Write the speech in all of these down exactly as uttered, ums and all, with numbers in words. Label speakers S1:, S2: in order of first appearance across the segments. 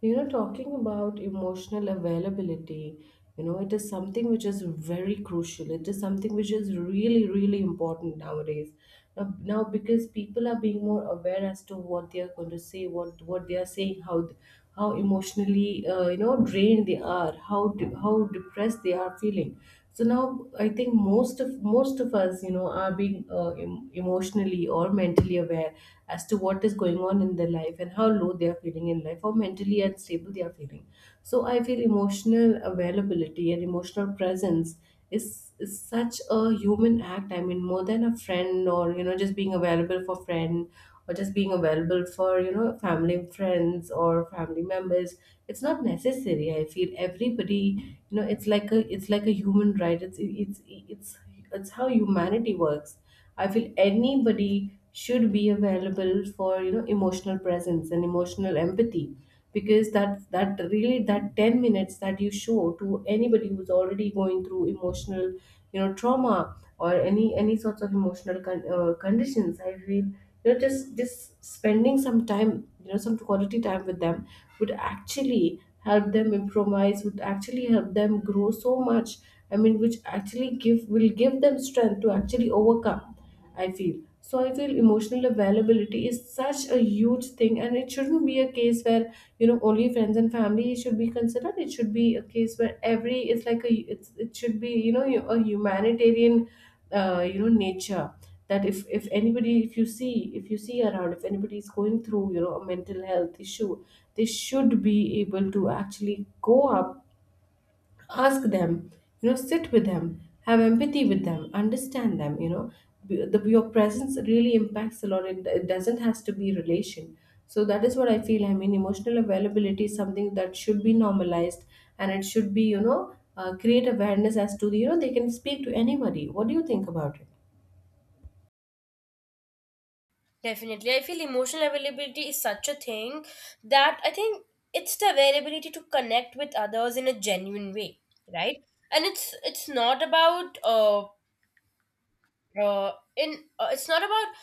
S1: You know, talking about emotional availability, you know, it is something which is very crucial. It is something which is really, really important nowadays. Now, now because people are being more aware as to what they are going to say, what what they are saying, how th- how emotionally uh, you know drained they are, how de- how depressed they are feeling so now I think most of most of us you know are being uh, em- emotionally or mentally aware as to what is going on in their life, and how low they are feeling in life, how mentally unstable they are feeling. So I feel emotional availability and emotional presence is, is such a human act. I mean, more than a friend, or you know, just being available for friend, or just being available for you know family, friends or family members. It's not necessary. I feel everybody, you know, it's like a, it's like a human right. it's it's it's it's how humanity works. I feel anybody should be available for, you know, emotional presence and emotional empathy, because that that really, that ten minutes that you show to anybody who's already going through emotional, you know, trauma or any any sorts of emotional con- uh, conditions, I feel, you know, just just spending some time, you know, some quality time with them would actually help them improvise, would actually help them grow so much. I mean, which actually give will give them strength to actually overcome, I feel. So I feel emotional availability is such a huge thing, and it shouldn't be a case where, you know, only friends and family should be considered. It should be a case where every, it's like a it's, it should be, you know, a humanitarian uh, you know nature, that if if anybody, if you see if you see around, if anybody is going through, you know, a mental health issue, they should be able to actually go up, ask them, you know, sit with them, have empathy with them, understand them, you know. B- the, your presence really impacts a lot. It, it doesn't has to be relation. So that is what I feel. I mean, emotional availability is something that should be normalized, and it should be, you know, uh, create awareness as to the, you know, they can speak to anybody. What do you think about it?
S2: Definitely. I feel emotional availability is such a thing that I think it's the availability to connect with others in a genuine way, right? And it's it's not about uh, uh in uh, it's not about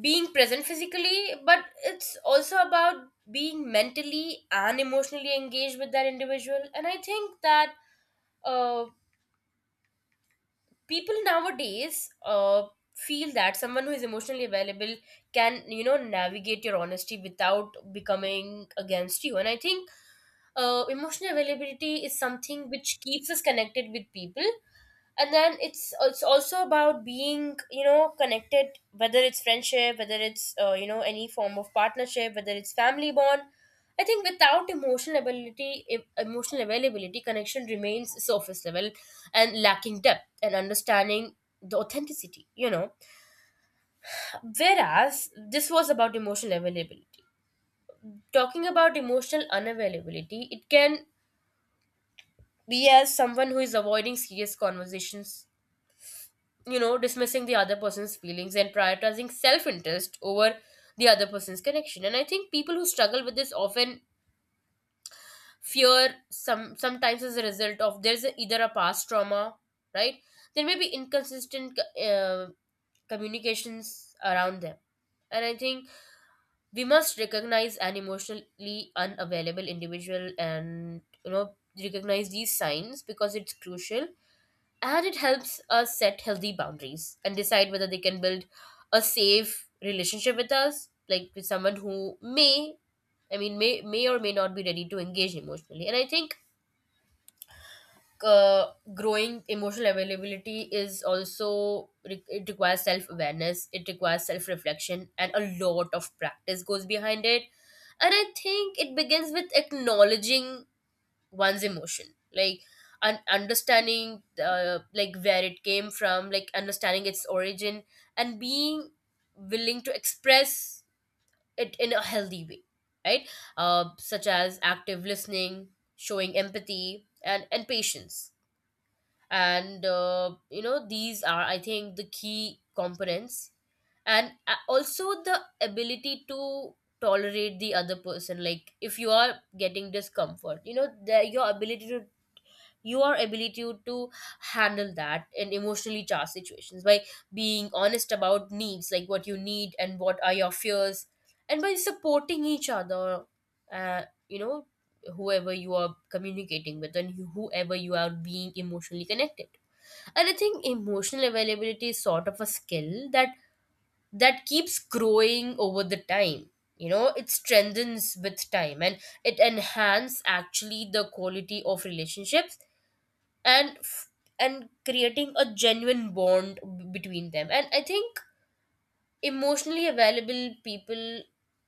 S2: being present physically, but it's also about being mentally and emotionally engaged with that individual. And I think that uh people nowadays uh, feel that someone who is emotionally available can, you know, navigate your honesty without becoming against you. And I think uh, emotional availability is something which keeps us connected with people. And then it's it's also about being, you know, connected, whether it's friendship, whether it's uh, you know, any form of partnership, whether it's family bond. I think without emotional ability, if emotional availability connection remains surface level and lacking depth and understanding, the authenticity, you know. Whereas this was about emotional availability. Talking about emotional unavailability, it can be as someone who is avoiding serious conversations, you know, dismissing the other person's feelings and prioritizing self interest over the other person's connection. And I think people who struggle with this often fear some sometimes as a result of there's a, either a past trauma, right? There may be inconsistent uh, communications around them. And I think we must recognize an emotionally unavailable individual and, you know, recognize these signs because it's crucial and it helps us set healthy boundaries and decide whether they can build a safe relationship with us, like with someone who may i mean may may or may not be ready to engage emotionally. And I think uh, growing emotional availability is also re- it requires self awareness, it requires self reflection, and a lot of practice goes behind it. And I think it begins with acknowledging one's emotion, like un- understanding, uh, like where it came from, like understanding its origin and being willing to express it in a healthy way, right? Uh, such as active listening, showing empathy and and patience. And uh, you know, these are, I think, the key components. And uh, also the ability to tolerate the other person, like if you are getting discomfort, you know, the, your ability to your ability to handle that in emotionally charged situations by being honest about needs, like what you need and what are your fears, and by supporting each other, uh, you know, whoever you are communicating with and whoever you are being emotionally connected. And I think emotional availability is sort of a skill that that keeps growing over the time. You know, it strengthens with time and it enhances actually the quality of relationships and f- and creating a genuine bond b- between them. And I think emotionally available people,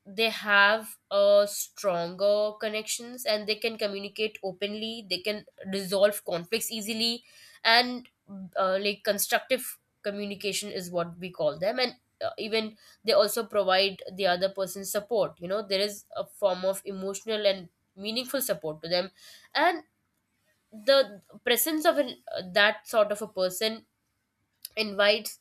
S2: they have a stronger connections and they can communicate openly, they can resolve conflicts easily. And uh, like constructive communication is what we call them. And uh, even they also provide the other person support, you know, there is a form of emotional and meaningful support to them. And the presence of an, uh, that sort of a person invites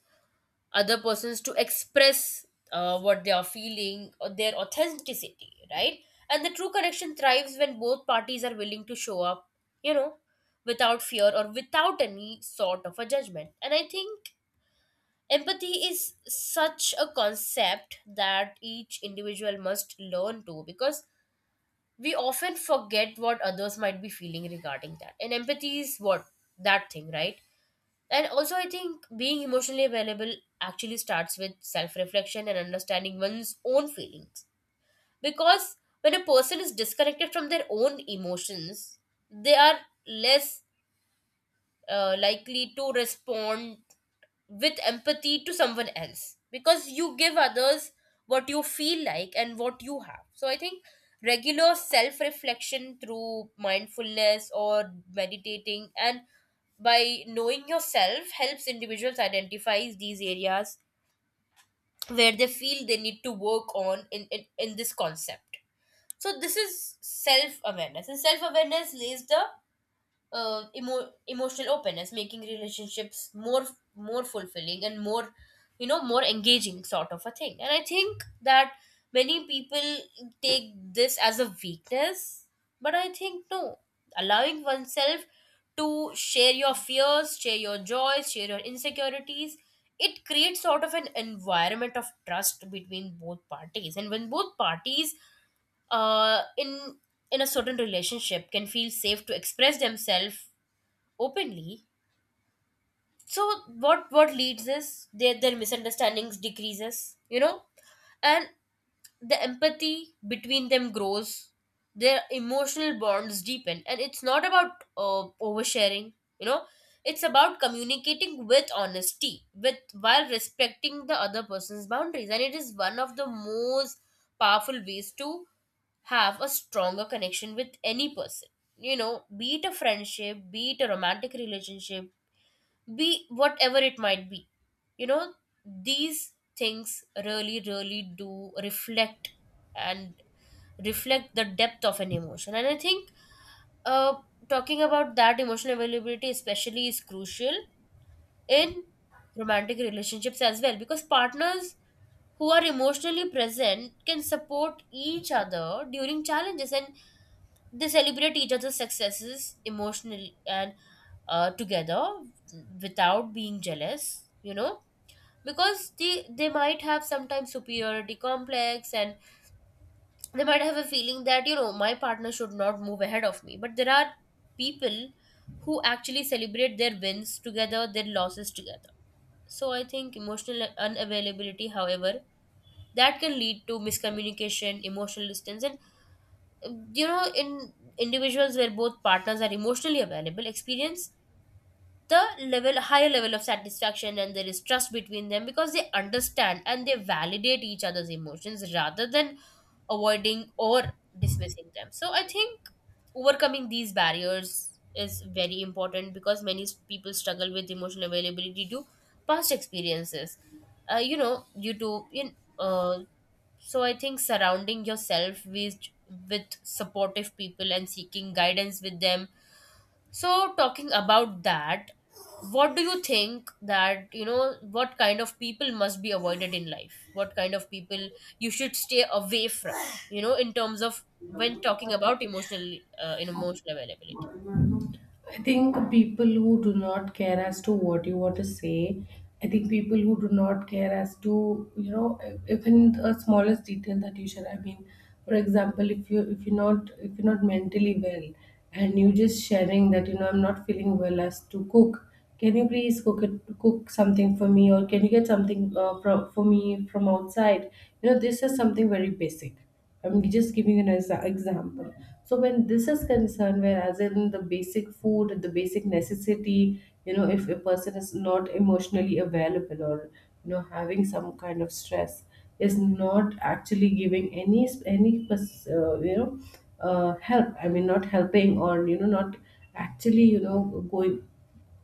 S2: other persons to express uh, what they are feeling or their authenticity, right? And the true connection thrives when both parties are willing to show up, you know, without fear or without any sort of a judgment. And I think empathy is such a concept that each individual must learn to, because we often forget what others might be feeling regarding that, and empathy is what that thing, right? And also, I think being emotionally available actually starts with self reflection and understanding one's own feelings. Because when a person is disconnected from their own emotions, they are less uh, likely to respond with empathy to someone else, because you give others what you feel like and what you have. So I think regular self reflection through mindfulness or meditating and by knowing yourself helps individuals identify these areas where they feel they need to work on in, in, in this concept. So this is self awareness, and self awareness lays the uh, emo- emotional openness, making relationships more more fulfilling and more, you know, more engaging sort of a thing. And I think that many people take this as a weakness, but I think no, allowing oneself to share your fears, share your joys, share your insecurities, it creates sort of an environment of trust between both parties. And when both parties uh in in a certain relationship can feel safe to express themselves openly, so what what leads is their their misunderstandings decreases, you know, and the empathy between them grows, their emotional bonds deepen. And it's not about uh, oversharing, you know, it's about communicating with honesty with, while respecting the other person's boundaries. And it is one of the most powerful ways to have a stronger connection with any person, you know, be it a friendship, be it a romantic relationship, be whatever it might be, you know. These things really really do reflect and reflect the depth of an emotion. And I think uh, talking about that, emotional availability especially is crucial in romantic relationships as well, because partners who are emotionally present can support each other during challenges, and they celebrate each other's successes emotionally and uh, together without being jealous, you know. Because they they might have sometimes superiority complex, and they might have a feeling that, you know, my partner should not move ahead of me. But there are people who actually celebrate their wins together, their losses together. So I think emotional unavailability, however, that can lead to miscommunication, emotional distance, and uh, you know, in individuals where both partners are emotionally available experience the level higher level of satisfaction, and there is trust between them, because they understand and they validate each other's emotions rather than avoiding or dismissing them. So I think overcoming these barriers is very important, because many s- people struggle with emotional availability due to past experiences, uh, you know, due to you kn- uh, so I think surrounding yourself with with supportive people and seeking guidance with them. So, talking about that, what do you think that, you know, what kind of people must be avoided in life? What kind of people you should stay away from, you know, in terms of when talking about emotional uh, in emotional availability?
S1: I think people who do not care as to what you want to say, I think people who do not care as to, you know, e- even the smallest detail that you share. I mean, for example, if you if you're not if you're not mentally well, and you just sharing that, you know, I'm not feeling well as to cook, can you please cook it cook something for me, or can you get something uh, from for me from outside? You know, this is something very basic. I'm just giving an exa- example. So when this is concerned, whereas in the basic food, the basic necessity, you know, if a person is not emotionally available, or you know, having some kind of stress, is not actually giving any s- any pers- uh, you know uh, help. I mean, not helping, or you know, not actually, you know, going,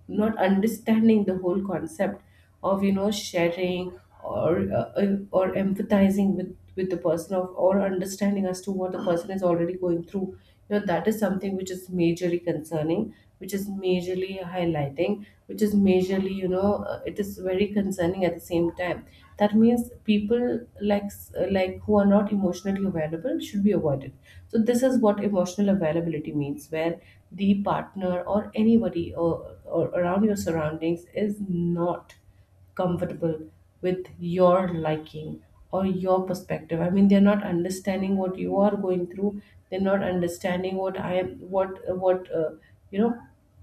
S1: not understanding the whole concept of, you know, sharing, or uh, uh, or empathizing with with the person, of or understanding as to what the person is already going through. You know, that is something which is majorly concerning, which is majorly highlighting, which is majorly, you know, uh, it is very concerning at the same time. That means people, like s- like who are not emotionally available should be avoided. So this is what emotional availability means, where the partner or anybody, or, or around your surroundings, is not comfortable with your liking or your perspective. I mean, they're not understanding what you are going through, they're not understanding what I am what what uh, you know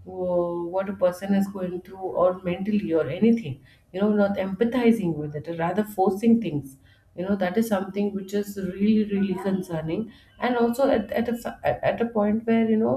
S1: wh- what a person is going through, or mentally or anything, you know, not empathizing with it, rather forcing things. You know, that is something which is really, really concerning. And also at, at a f- at at a point where, you know,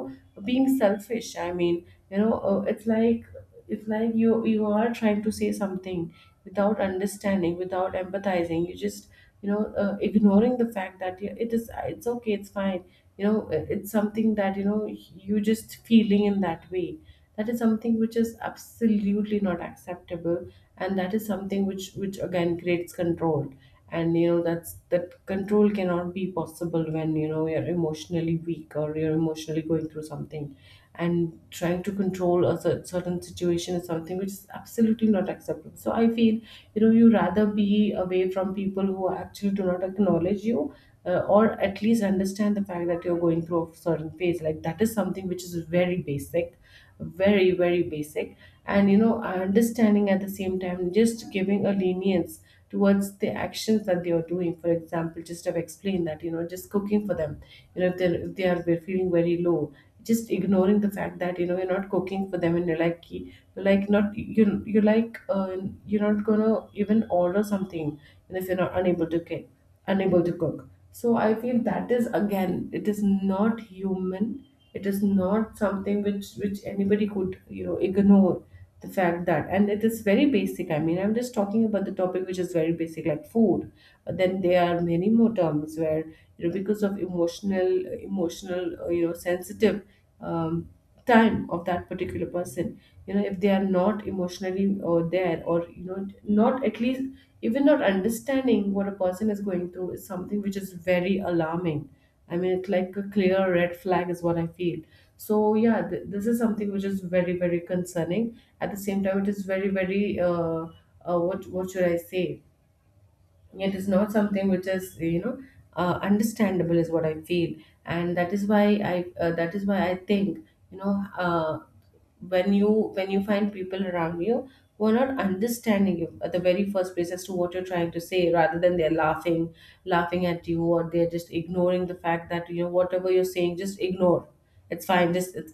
S1: being selfish. I mean, you know, uh, it's like, if like you you are trying to say something without understanding, without empathizing. You just, you know, uh, ignoring the fact that, yeah, it is it's okay, it's fine. You know, it- it's something that, you know, you just feeling in that way. That is something which is absolutely not acceptable, and that is something which which again creates control. And you know, that's that control cannot be possible when, you know, you're emotionally weak or you're emotionally going through something, and trying to control a cer- certain situation is something which is absolutely not acceptable. So I feel, you know, you rather be away from people who actually do not acknowledge you, uh, or at least understand the fact that you're going through a certain phase. Like that is something which is very basic, very, very basic. And, you know, understanding at the same time, just giving a lenience towards the actions that they are doing. For example, just have explained that, you know, just cooking for them. You know, if, they're, if they are they're feeling very low, just ignoring the fact that, you know, you're not cooking for them, and you're like you're like not you you're like uh, you're not gonna even order something, and if you're not unable to cook, unable to cook so I feel that is again, it is not human. It is not something which which anybody could, you know, ignore the fact that. And it is very basic, I mean, I'm just talking about the topic which is very basic, like food. But then there are many more terms where, you know, because of emotional emotional uh, you know sensitive um, time of that particular person, you know, if they are not emotionally or there, or you know, not at least even not understanding what a person is going through, is something which is very alarming. I mean, it's like a clear red flag, is what I feel. So, yeah, th- this is something which is very, very concerning. At the same time, it is very, very, uh, uh, what, what should I say? It is not something which is, you know, uh, understandable, is what I feel. And that is why i uh, that is why I think, you know, uh, when you, when you find people around you who are not understanding you at the very first place as to what you're trying to say, rather than they're laughing, laughing at you, or they're just ignoring the fact that, you know, whatever you're saying, just ignore. It's fine. Just it's,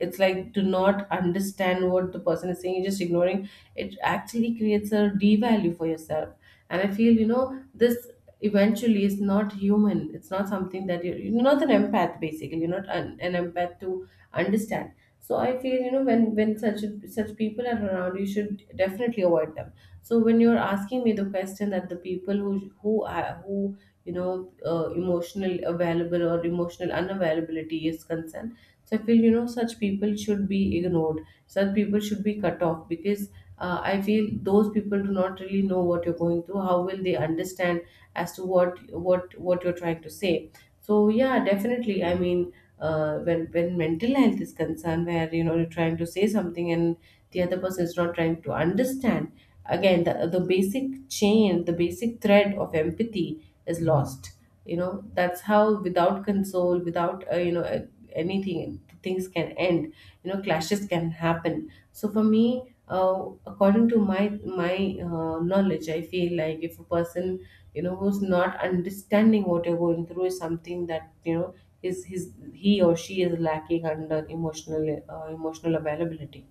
S1: It's like, do not understand what the person is saying, you're just ignoring. It actually creates a devalue for yourself. And I feel, you know, this eventually is not human. It's not something that you're, you're not an empath, basically. You're not an, an empath to understand. So I feel, you know, when when such such people are around, you should definitely avoid them. So when you're asking me the question that the people who, who are who, you know, uh, emotional available or emotional unavailability is concerned, so I feel, you know, such people should be ignored, such people should be cut off. Because uh, I feel those people do not really know what you're going through. How will they understand as to what what what you're trying to say? So yeah, definitely. I mean, uh, when when mental health is concerned, where you know, you're trying to say something, and the other person is not trying to understand, again, the, the basic chain, the basic thread of empathy is lost. You know, that's how, without console, without uh, you know uh, anything, things can end. You know, clashes can happen. So for me, uh, according to my my uh, knowledge, I feel like if a person, you know, who's not understanding what you're going through, is something that, you know, is his he or she is lacking under emotional uh, emotional availability.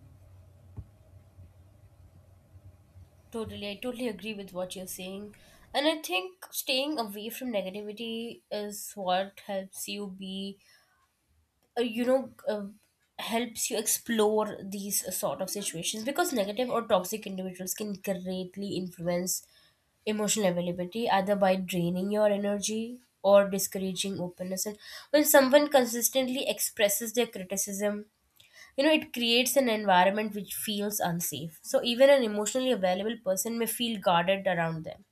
S2: Totally, I totally agree with what you're saying. And I think staying away from negativity is what helps you be uh, you know uh, helps you explore these uh, sort of situations, because negative or toxic individuals can greatly influence emotional availability either by draining your energy or discouraging openness. And when someone consistently expresses their criticism, you know, it creates an environment which feels unsafe, so even an emotionally available person may feel guarded around them,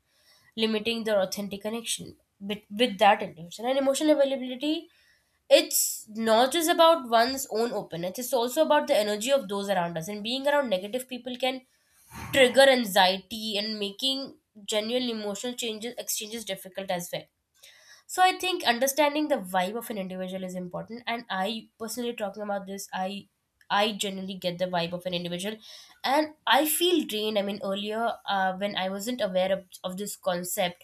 S2: limiting their authentic connection with, with that individual. And emotional availability, it's not just about one's own openness, it's also about the energy of those around us, and being around negative people can trigger anxiety and making genuine emotional changes exchanges difficult as well. So I think understanding the vibe of an individual is important, and I personally, talking about this, I i generally get the vibe of an individual and I feel drained. I mean, earlier uh, when I wasn't aware of, of this concept,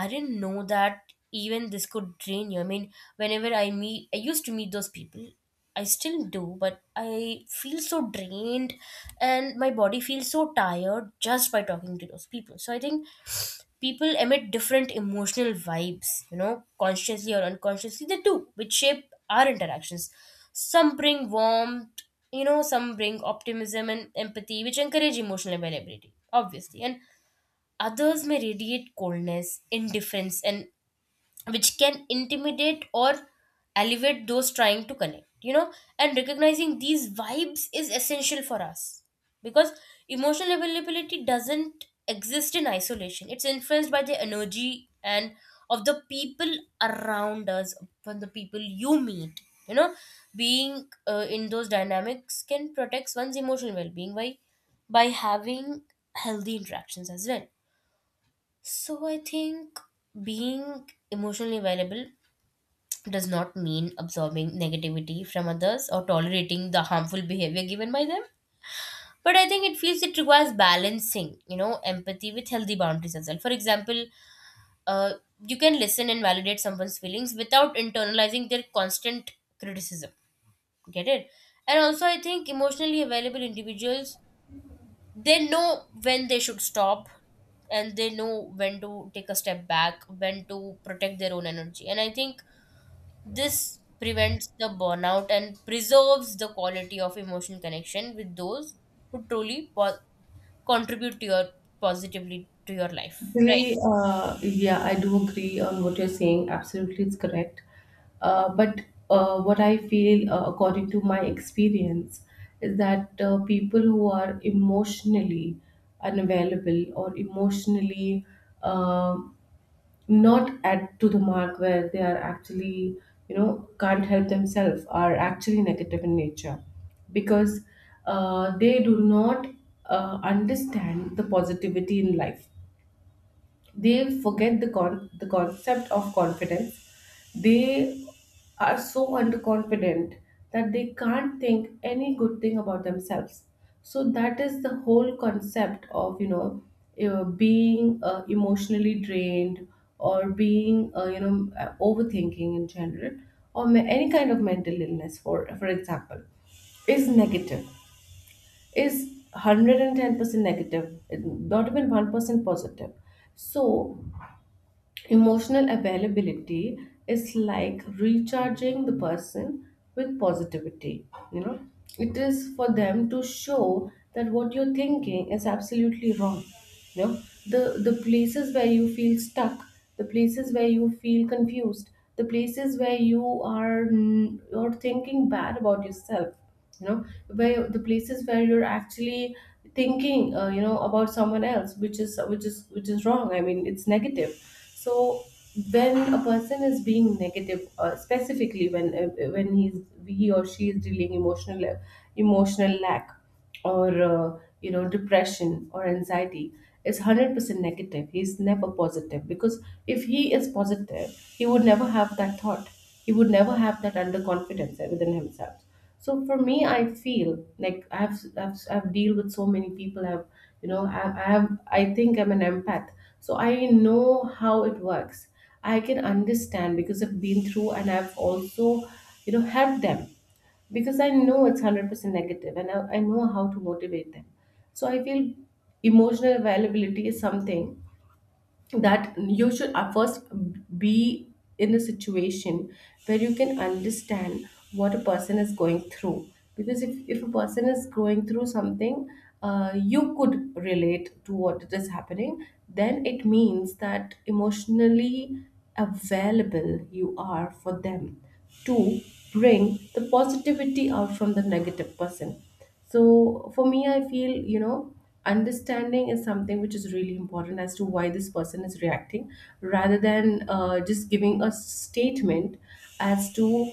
S2: I didn't know that even this could drain you. I mean, whenever I meet, I used to meet those people. I still do, but I feel so drained and my body feels so tired just by talking to those people. So I think people emit different emotional vibes, you know, consciously or unconsciously, they do, which shape our interactions. Some bring warmth, you know, some bring optimism and empathy, which encourage emotional availability, obviously. And others may radiate coldness, indifference, and which can intimidate or elevate those trying to connect, you know. And recognizing these vibes is essential for us, because emotional availability doesn't exist in isolation, it's influenced by the energy and of the people around us, from the people you meet, you know. Being uh, in those dynamics can protect one's emotional well being by, by having healthy interactions as well. So I think being emotionally available does not mean absorbing negativity from others or tolerating the harmful behavior given by them. But I think it feels it requires balancing, you know, empathy with healthy boundaries as well. For example, uh, you can listen and validate someone's feelings without internalizing their constant criticism. Get it? And also, I think emotionally available individuals, they know when they should stop, and they know when to take a step back, when to protect their own energy. And I think this prevents the burnout and preserves the quality of emotional connection with those who truly po- contribute to your, positively to your life, right?
S1: Actually, uh, yeah, I do agree on what you're saying. Absolutely, it's correct. Uh, but uh, what I feel, uh, according to my experience, is that uh, people who are emotionally unavailable or emotionally uh, not at to the mark where they are actually, you know, can't help themselves are actually negative in nature because uh, they do not uh, understand the positivity in life. They forget the con- the concept of confidence. They are so underconfident that they can't think any good thing about themselves. So that is the whole concept of you know uh, being uh, emotionally drained, or being uh, you know uh, overthinking in general, or ma- any kind of mental illness, for for example, is negative, is one hundred ten percent negative, not even one percent positive. So emotional availability is like recharging the person with positivity. You know, it is for them to show that what you're thinking is absolutely wrong. You know, the the places where you feel stuck, the places where you feel confused, the places where you are n- you're thinking bad about yourself, you know, where the places where you're actually thinking uh, you know, about someone else, which is which is which is wrong, I mean it's negative. So when a person is being negative, uh, specifically when uh, when he's, he or she is dealing emotional emotional lack or uh, you know, depression or anxiety, is one hundred percent negative. He's never positive, because if he is positive he would never have that thought, he would never have that underconfidence within himself. So for me, i feel like i've i've, I've dealt with so many people. I've, you know, I, I have, I think I'm an empath, so I know how it works. I can understand because I've been through and I've also, you know, helped them because I know it's one hundred percent negative and I, I know how to motivate them. So I feel emotional availability is something that you should at first be in a situation where you can understand what a person is going through. Because if, if a person is going through something, uh, you could relate to what it is happening, then it means that emotionally available you are for them, to bring the positivity out from the negative person. So for me, I feel, you know, understanding is something which is really important, as to why this person is reacting, rather than uh, just giving a statement as to,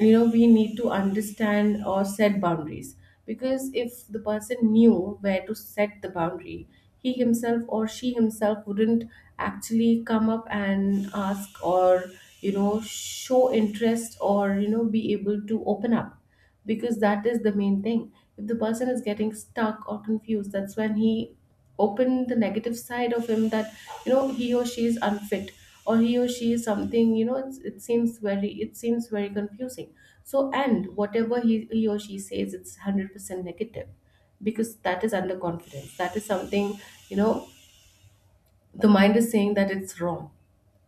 S1: you know, we need to understand or set boundaries. Because if the person knew where to set the boundary, he himself or she himself wouldn't actually come up and ask, or, you know, show interest, or, you know, be able to open up, because that is the main thing. If the person is getting stuck or confused, that's when he open the negative side of him, that you know he or she is unfit, or he or she is something, you know, it's, it seems very, it seems very confusing. So, and whatever he, he or she says, it's one hundred percent negative, because that is underconfidence, that is something, you know, the mind is saying that it's wrong.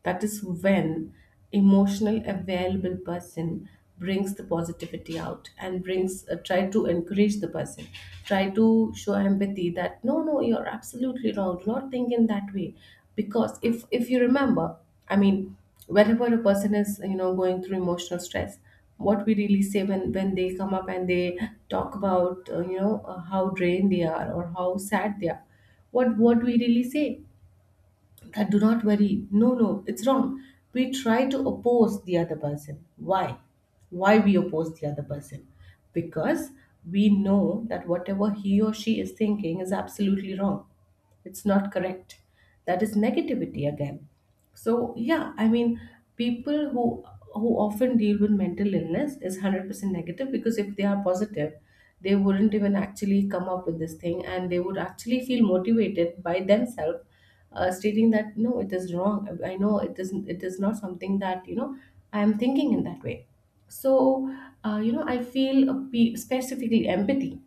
S1: That is when emotional available person brings the positivity out, and brings uh, try to encourage the person, try to show empathy that no no, you're absolutely wrong, do not think in that way. Because if if you remember, I mean, whenever a person is, you know, going through emotional stress, what we really say when when they come up and they talk about uh, you know uh, how drained they are or how sad they are, what what we really say, that do not worry, no no, it's wrong. We try to oppose the other person. why why we oppose the other person? Because we know that whatever he or she is thinking is absolutely wrong, it's not correct, that is negativity again. So yeah, I mean, people who who often deal with mental illness is one hundred percent negative, because if they are positive, they wouldn't even actually come up with this thing, and they would actually feel motivated by themselves, uh, stating that no, it is wrong. I know it isn't it is not something that, you know, I am thinking in that way. So, uh, you know, I feel a pe- specifically empathy,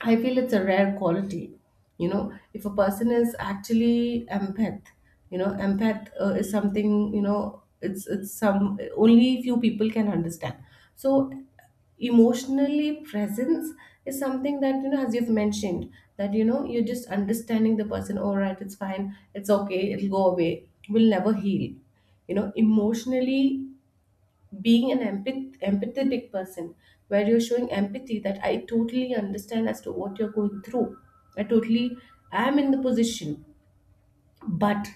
S1: I feel it's a rare quality. You know, if a person is actually empath, you know, empath uh, is something, you know, it's it's some only few people can understand. So, emotionally presence is something that, you know, as you've mentioned, that, you know, you're just understanding the person. All right, it's fine, it's okay, it'll go away, will never heal. You know, emotionally being an empath- empathetic person, where you're showing empathy that I totally understand as to what you're going through. I totally am in the position, but,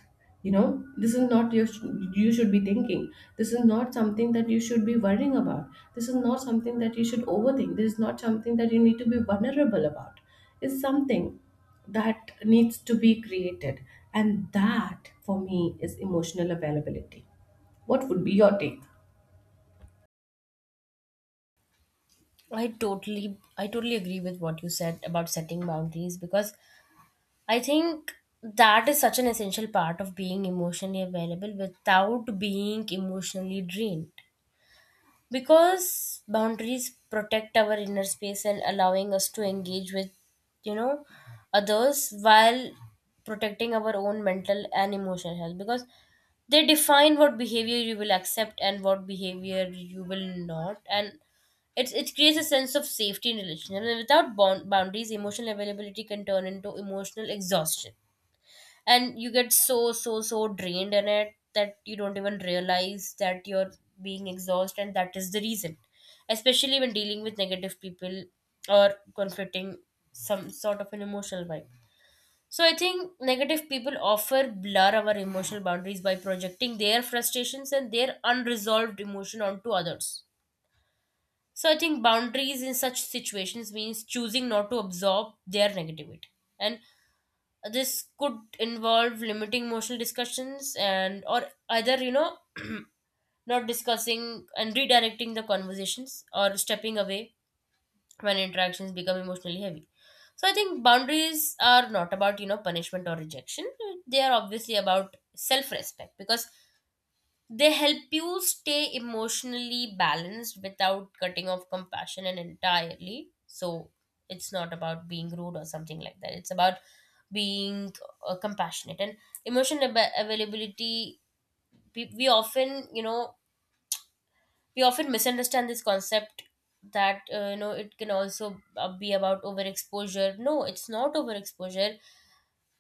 S1: you know, this is not your, you should be thinking, this is not something that you should be worrying about, this is not something that you should overthink, this is not something that you need to be vulnerable about. It's something that needs to be created, and that for me is emotional availability. What would be your take?
S2: I totally, i totally agree with what you said about setting boundaries, because I think that is such an essential part of being emotionally available without being emotionally drained, because boundaries protect our inner space and allowing us to engage with, you know, others while protecting our own mental and emotional health, because they define what behavior you will accept and what behavior you will not. And it, it creates a sense of safety in relationships. And without bound, boundaries emotional availability can turn into emotional exhaustion, and you get so so so drained in it that you don't even realize that you're being exhausted. And that is the reason, especially when dealing with negative people or confronting some sort of an emotional vibe. So I think negative people offer blur our emotional boundaries by projecting their frustrations and their unresolved emotion onto others. So I think boundaries in such situations means choosing not to absorb their negativity, and this could involve limiting emotional discussions and, or either, you know, not discussing and redirecting the conversations or stepping away when interactions become emotionally heavy. So I think boundaries are not about, you know, punishment or rejection. They are obviously about self respect, because they help you stay emotionally balanced without cutting off compassion and entirely. So it's not about being rude or something like that. It's about being uh, compassionate and emotional ab- availability. We, we often, you know, we often misunderstand this concept that, uh, you know, it can also uh, be about overexposure. No, it's not overexposure,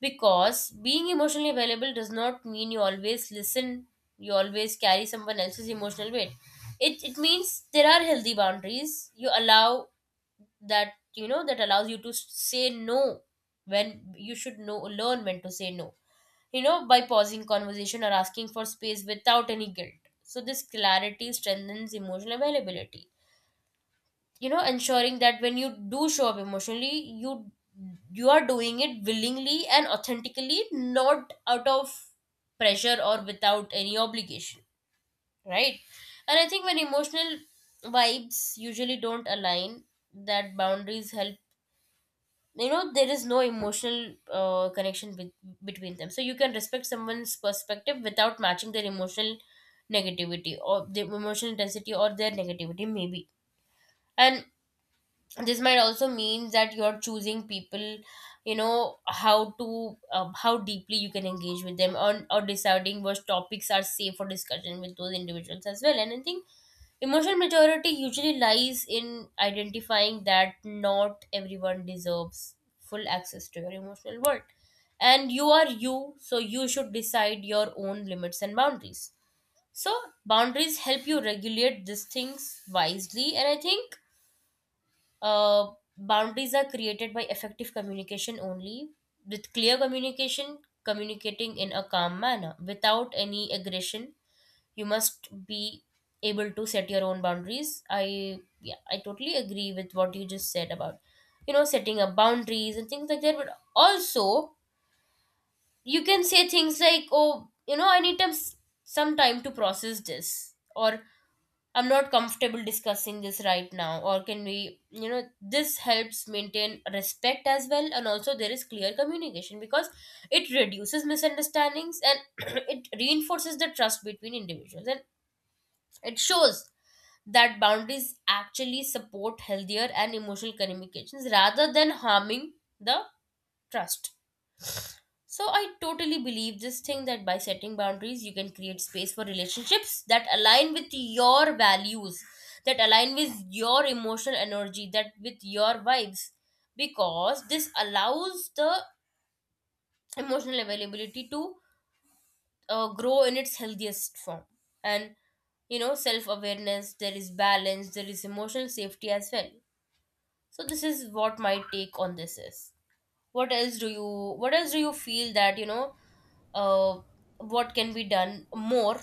S2: because being emotionally available does not mean you always listen, you always carry someone else's emotional weight. It it means there are healthy boundaries you allow, that, you know, that allows you to s- say no. When you should know, learn when to say no, you know, by pausing conversation or asking for space without any guilt. So this clarity strengthens emotional availability, you know, ensuring that when you do show up emotionally, you you are doing it willingly and authentically, not out of pressure or without any obligation, right? And I think when emotional vibes usually don't align, that boundaries help, you know. There is no emotional uh, connection with, between them, so you can respect someone's perspective without matching their emotional negativity, or the emotional intensity, or their negativity maybe. And this might also mean that you're choosing people, you know, how to uh, how deeply you can engage with them on, or deciding what topics are safe for discussion with those individuals as well. And I think emotional maturity usually lies in identifying that not everyone deserves full access to your emotional world, and you are you, so you should decide your own limits and boundaries. So boundaries help you regulate these things wisely. And I think uh, boundaries are created by effective communication only. With clear communication, communicating in a calm manner without any aggression, you must be able to set your own boundaries. I, yeah, I totally agree with what you just said about, you know, setting up boundaries and things like that. But also, you can say things like, "Oh, you know, I need time, some time to process this," or "I'm not comfortable discussing this right now," or "Can we," you know, this helps maintain respect as well. And also there is clear communication, because it reduces misunderstandings and it reinforces the trust between individuals, and it shows that boundaries actually support healthier and emotional communications rather than harming the trust. So I totally believe this thing, that by setting boundaries you can create space for relationships that align with your values, that align with your emotional energy, that with your vibes, because this allows the emotional availability to uh, grow in its healthiest form. And, you know, self awareness, there is balance, there is emotional safety as well. So this is what my take on this is. What else do you, what else do you feel that, you know, uh, what can be done more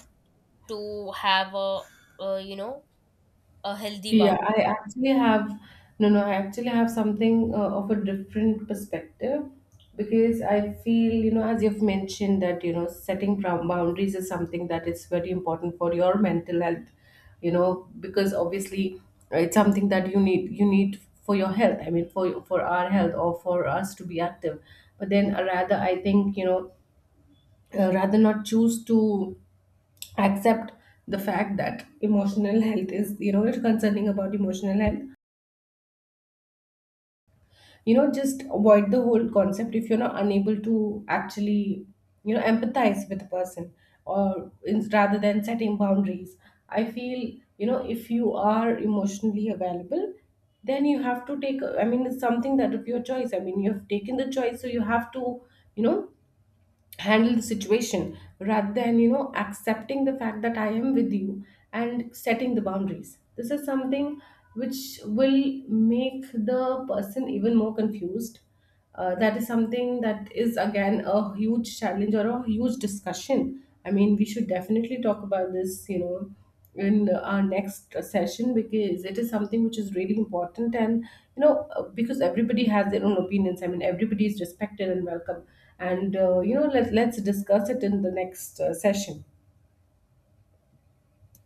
S2: to have a, a you know, a healthy
S1: Yeah,
S2: bound.
S1: I actually have, no, no, I actually have something uh, of a different perspective. Because I feel, you know, as you've mentioned that, you know, setting prou- boundaries is something that is very important for your mental health, you know, because obviously it's something that you need you need for your health. I mean, for for our health, or for us to be active. But then uh, rather, I think, you know, uh, rather not choose to accept the fact that emotional health is, you know, it's concerning about emotional health, you know, just avoid the whole concept if you're not unable to actually, you know, empathize with a person. Or in, rather than setting boundaries, I feel, you know, if you are emotionally available, then you have to take, I mean it's something that of your choice, I mean you have taken the choice, so you have to, you know, handle the situation, rather than, you know, accepting the fact that I am with you, and setting the boundaries. This is something which will make the person even more confused. Uh, that is something that is again a huge challenge, or a huge discussion. I mean we should definitely talk about this, you know, in our next session, because it is something which is really important. And you know, uh, because everybody has their own opinions, I mean everybody is respected and welcome. And uh, you know, let, let's discuss it in the next uh, session.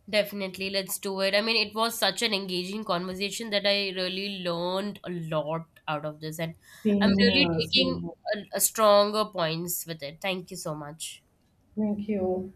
S2: Definitely, let's do it. I mean, it was such an engaging conversation that I really learned a lot out of this. And I'm
S1: Same here,
S2: really
S1: same
S2: taking
S1: here.
S2: a, a stronger points with it. Thank you so much.
S1: Thank you.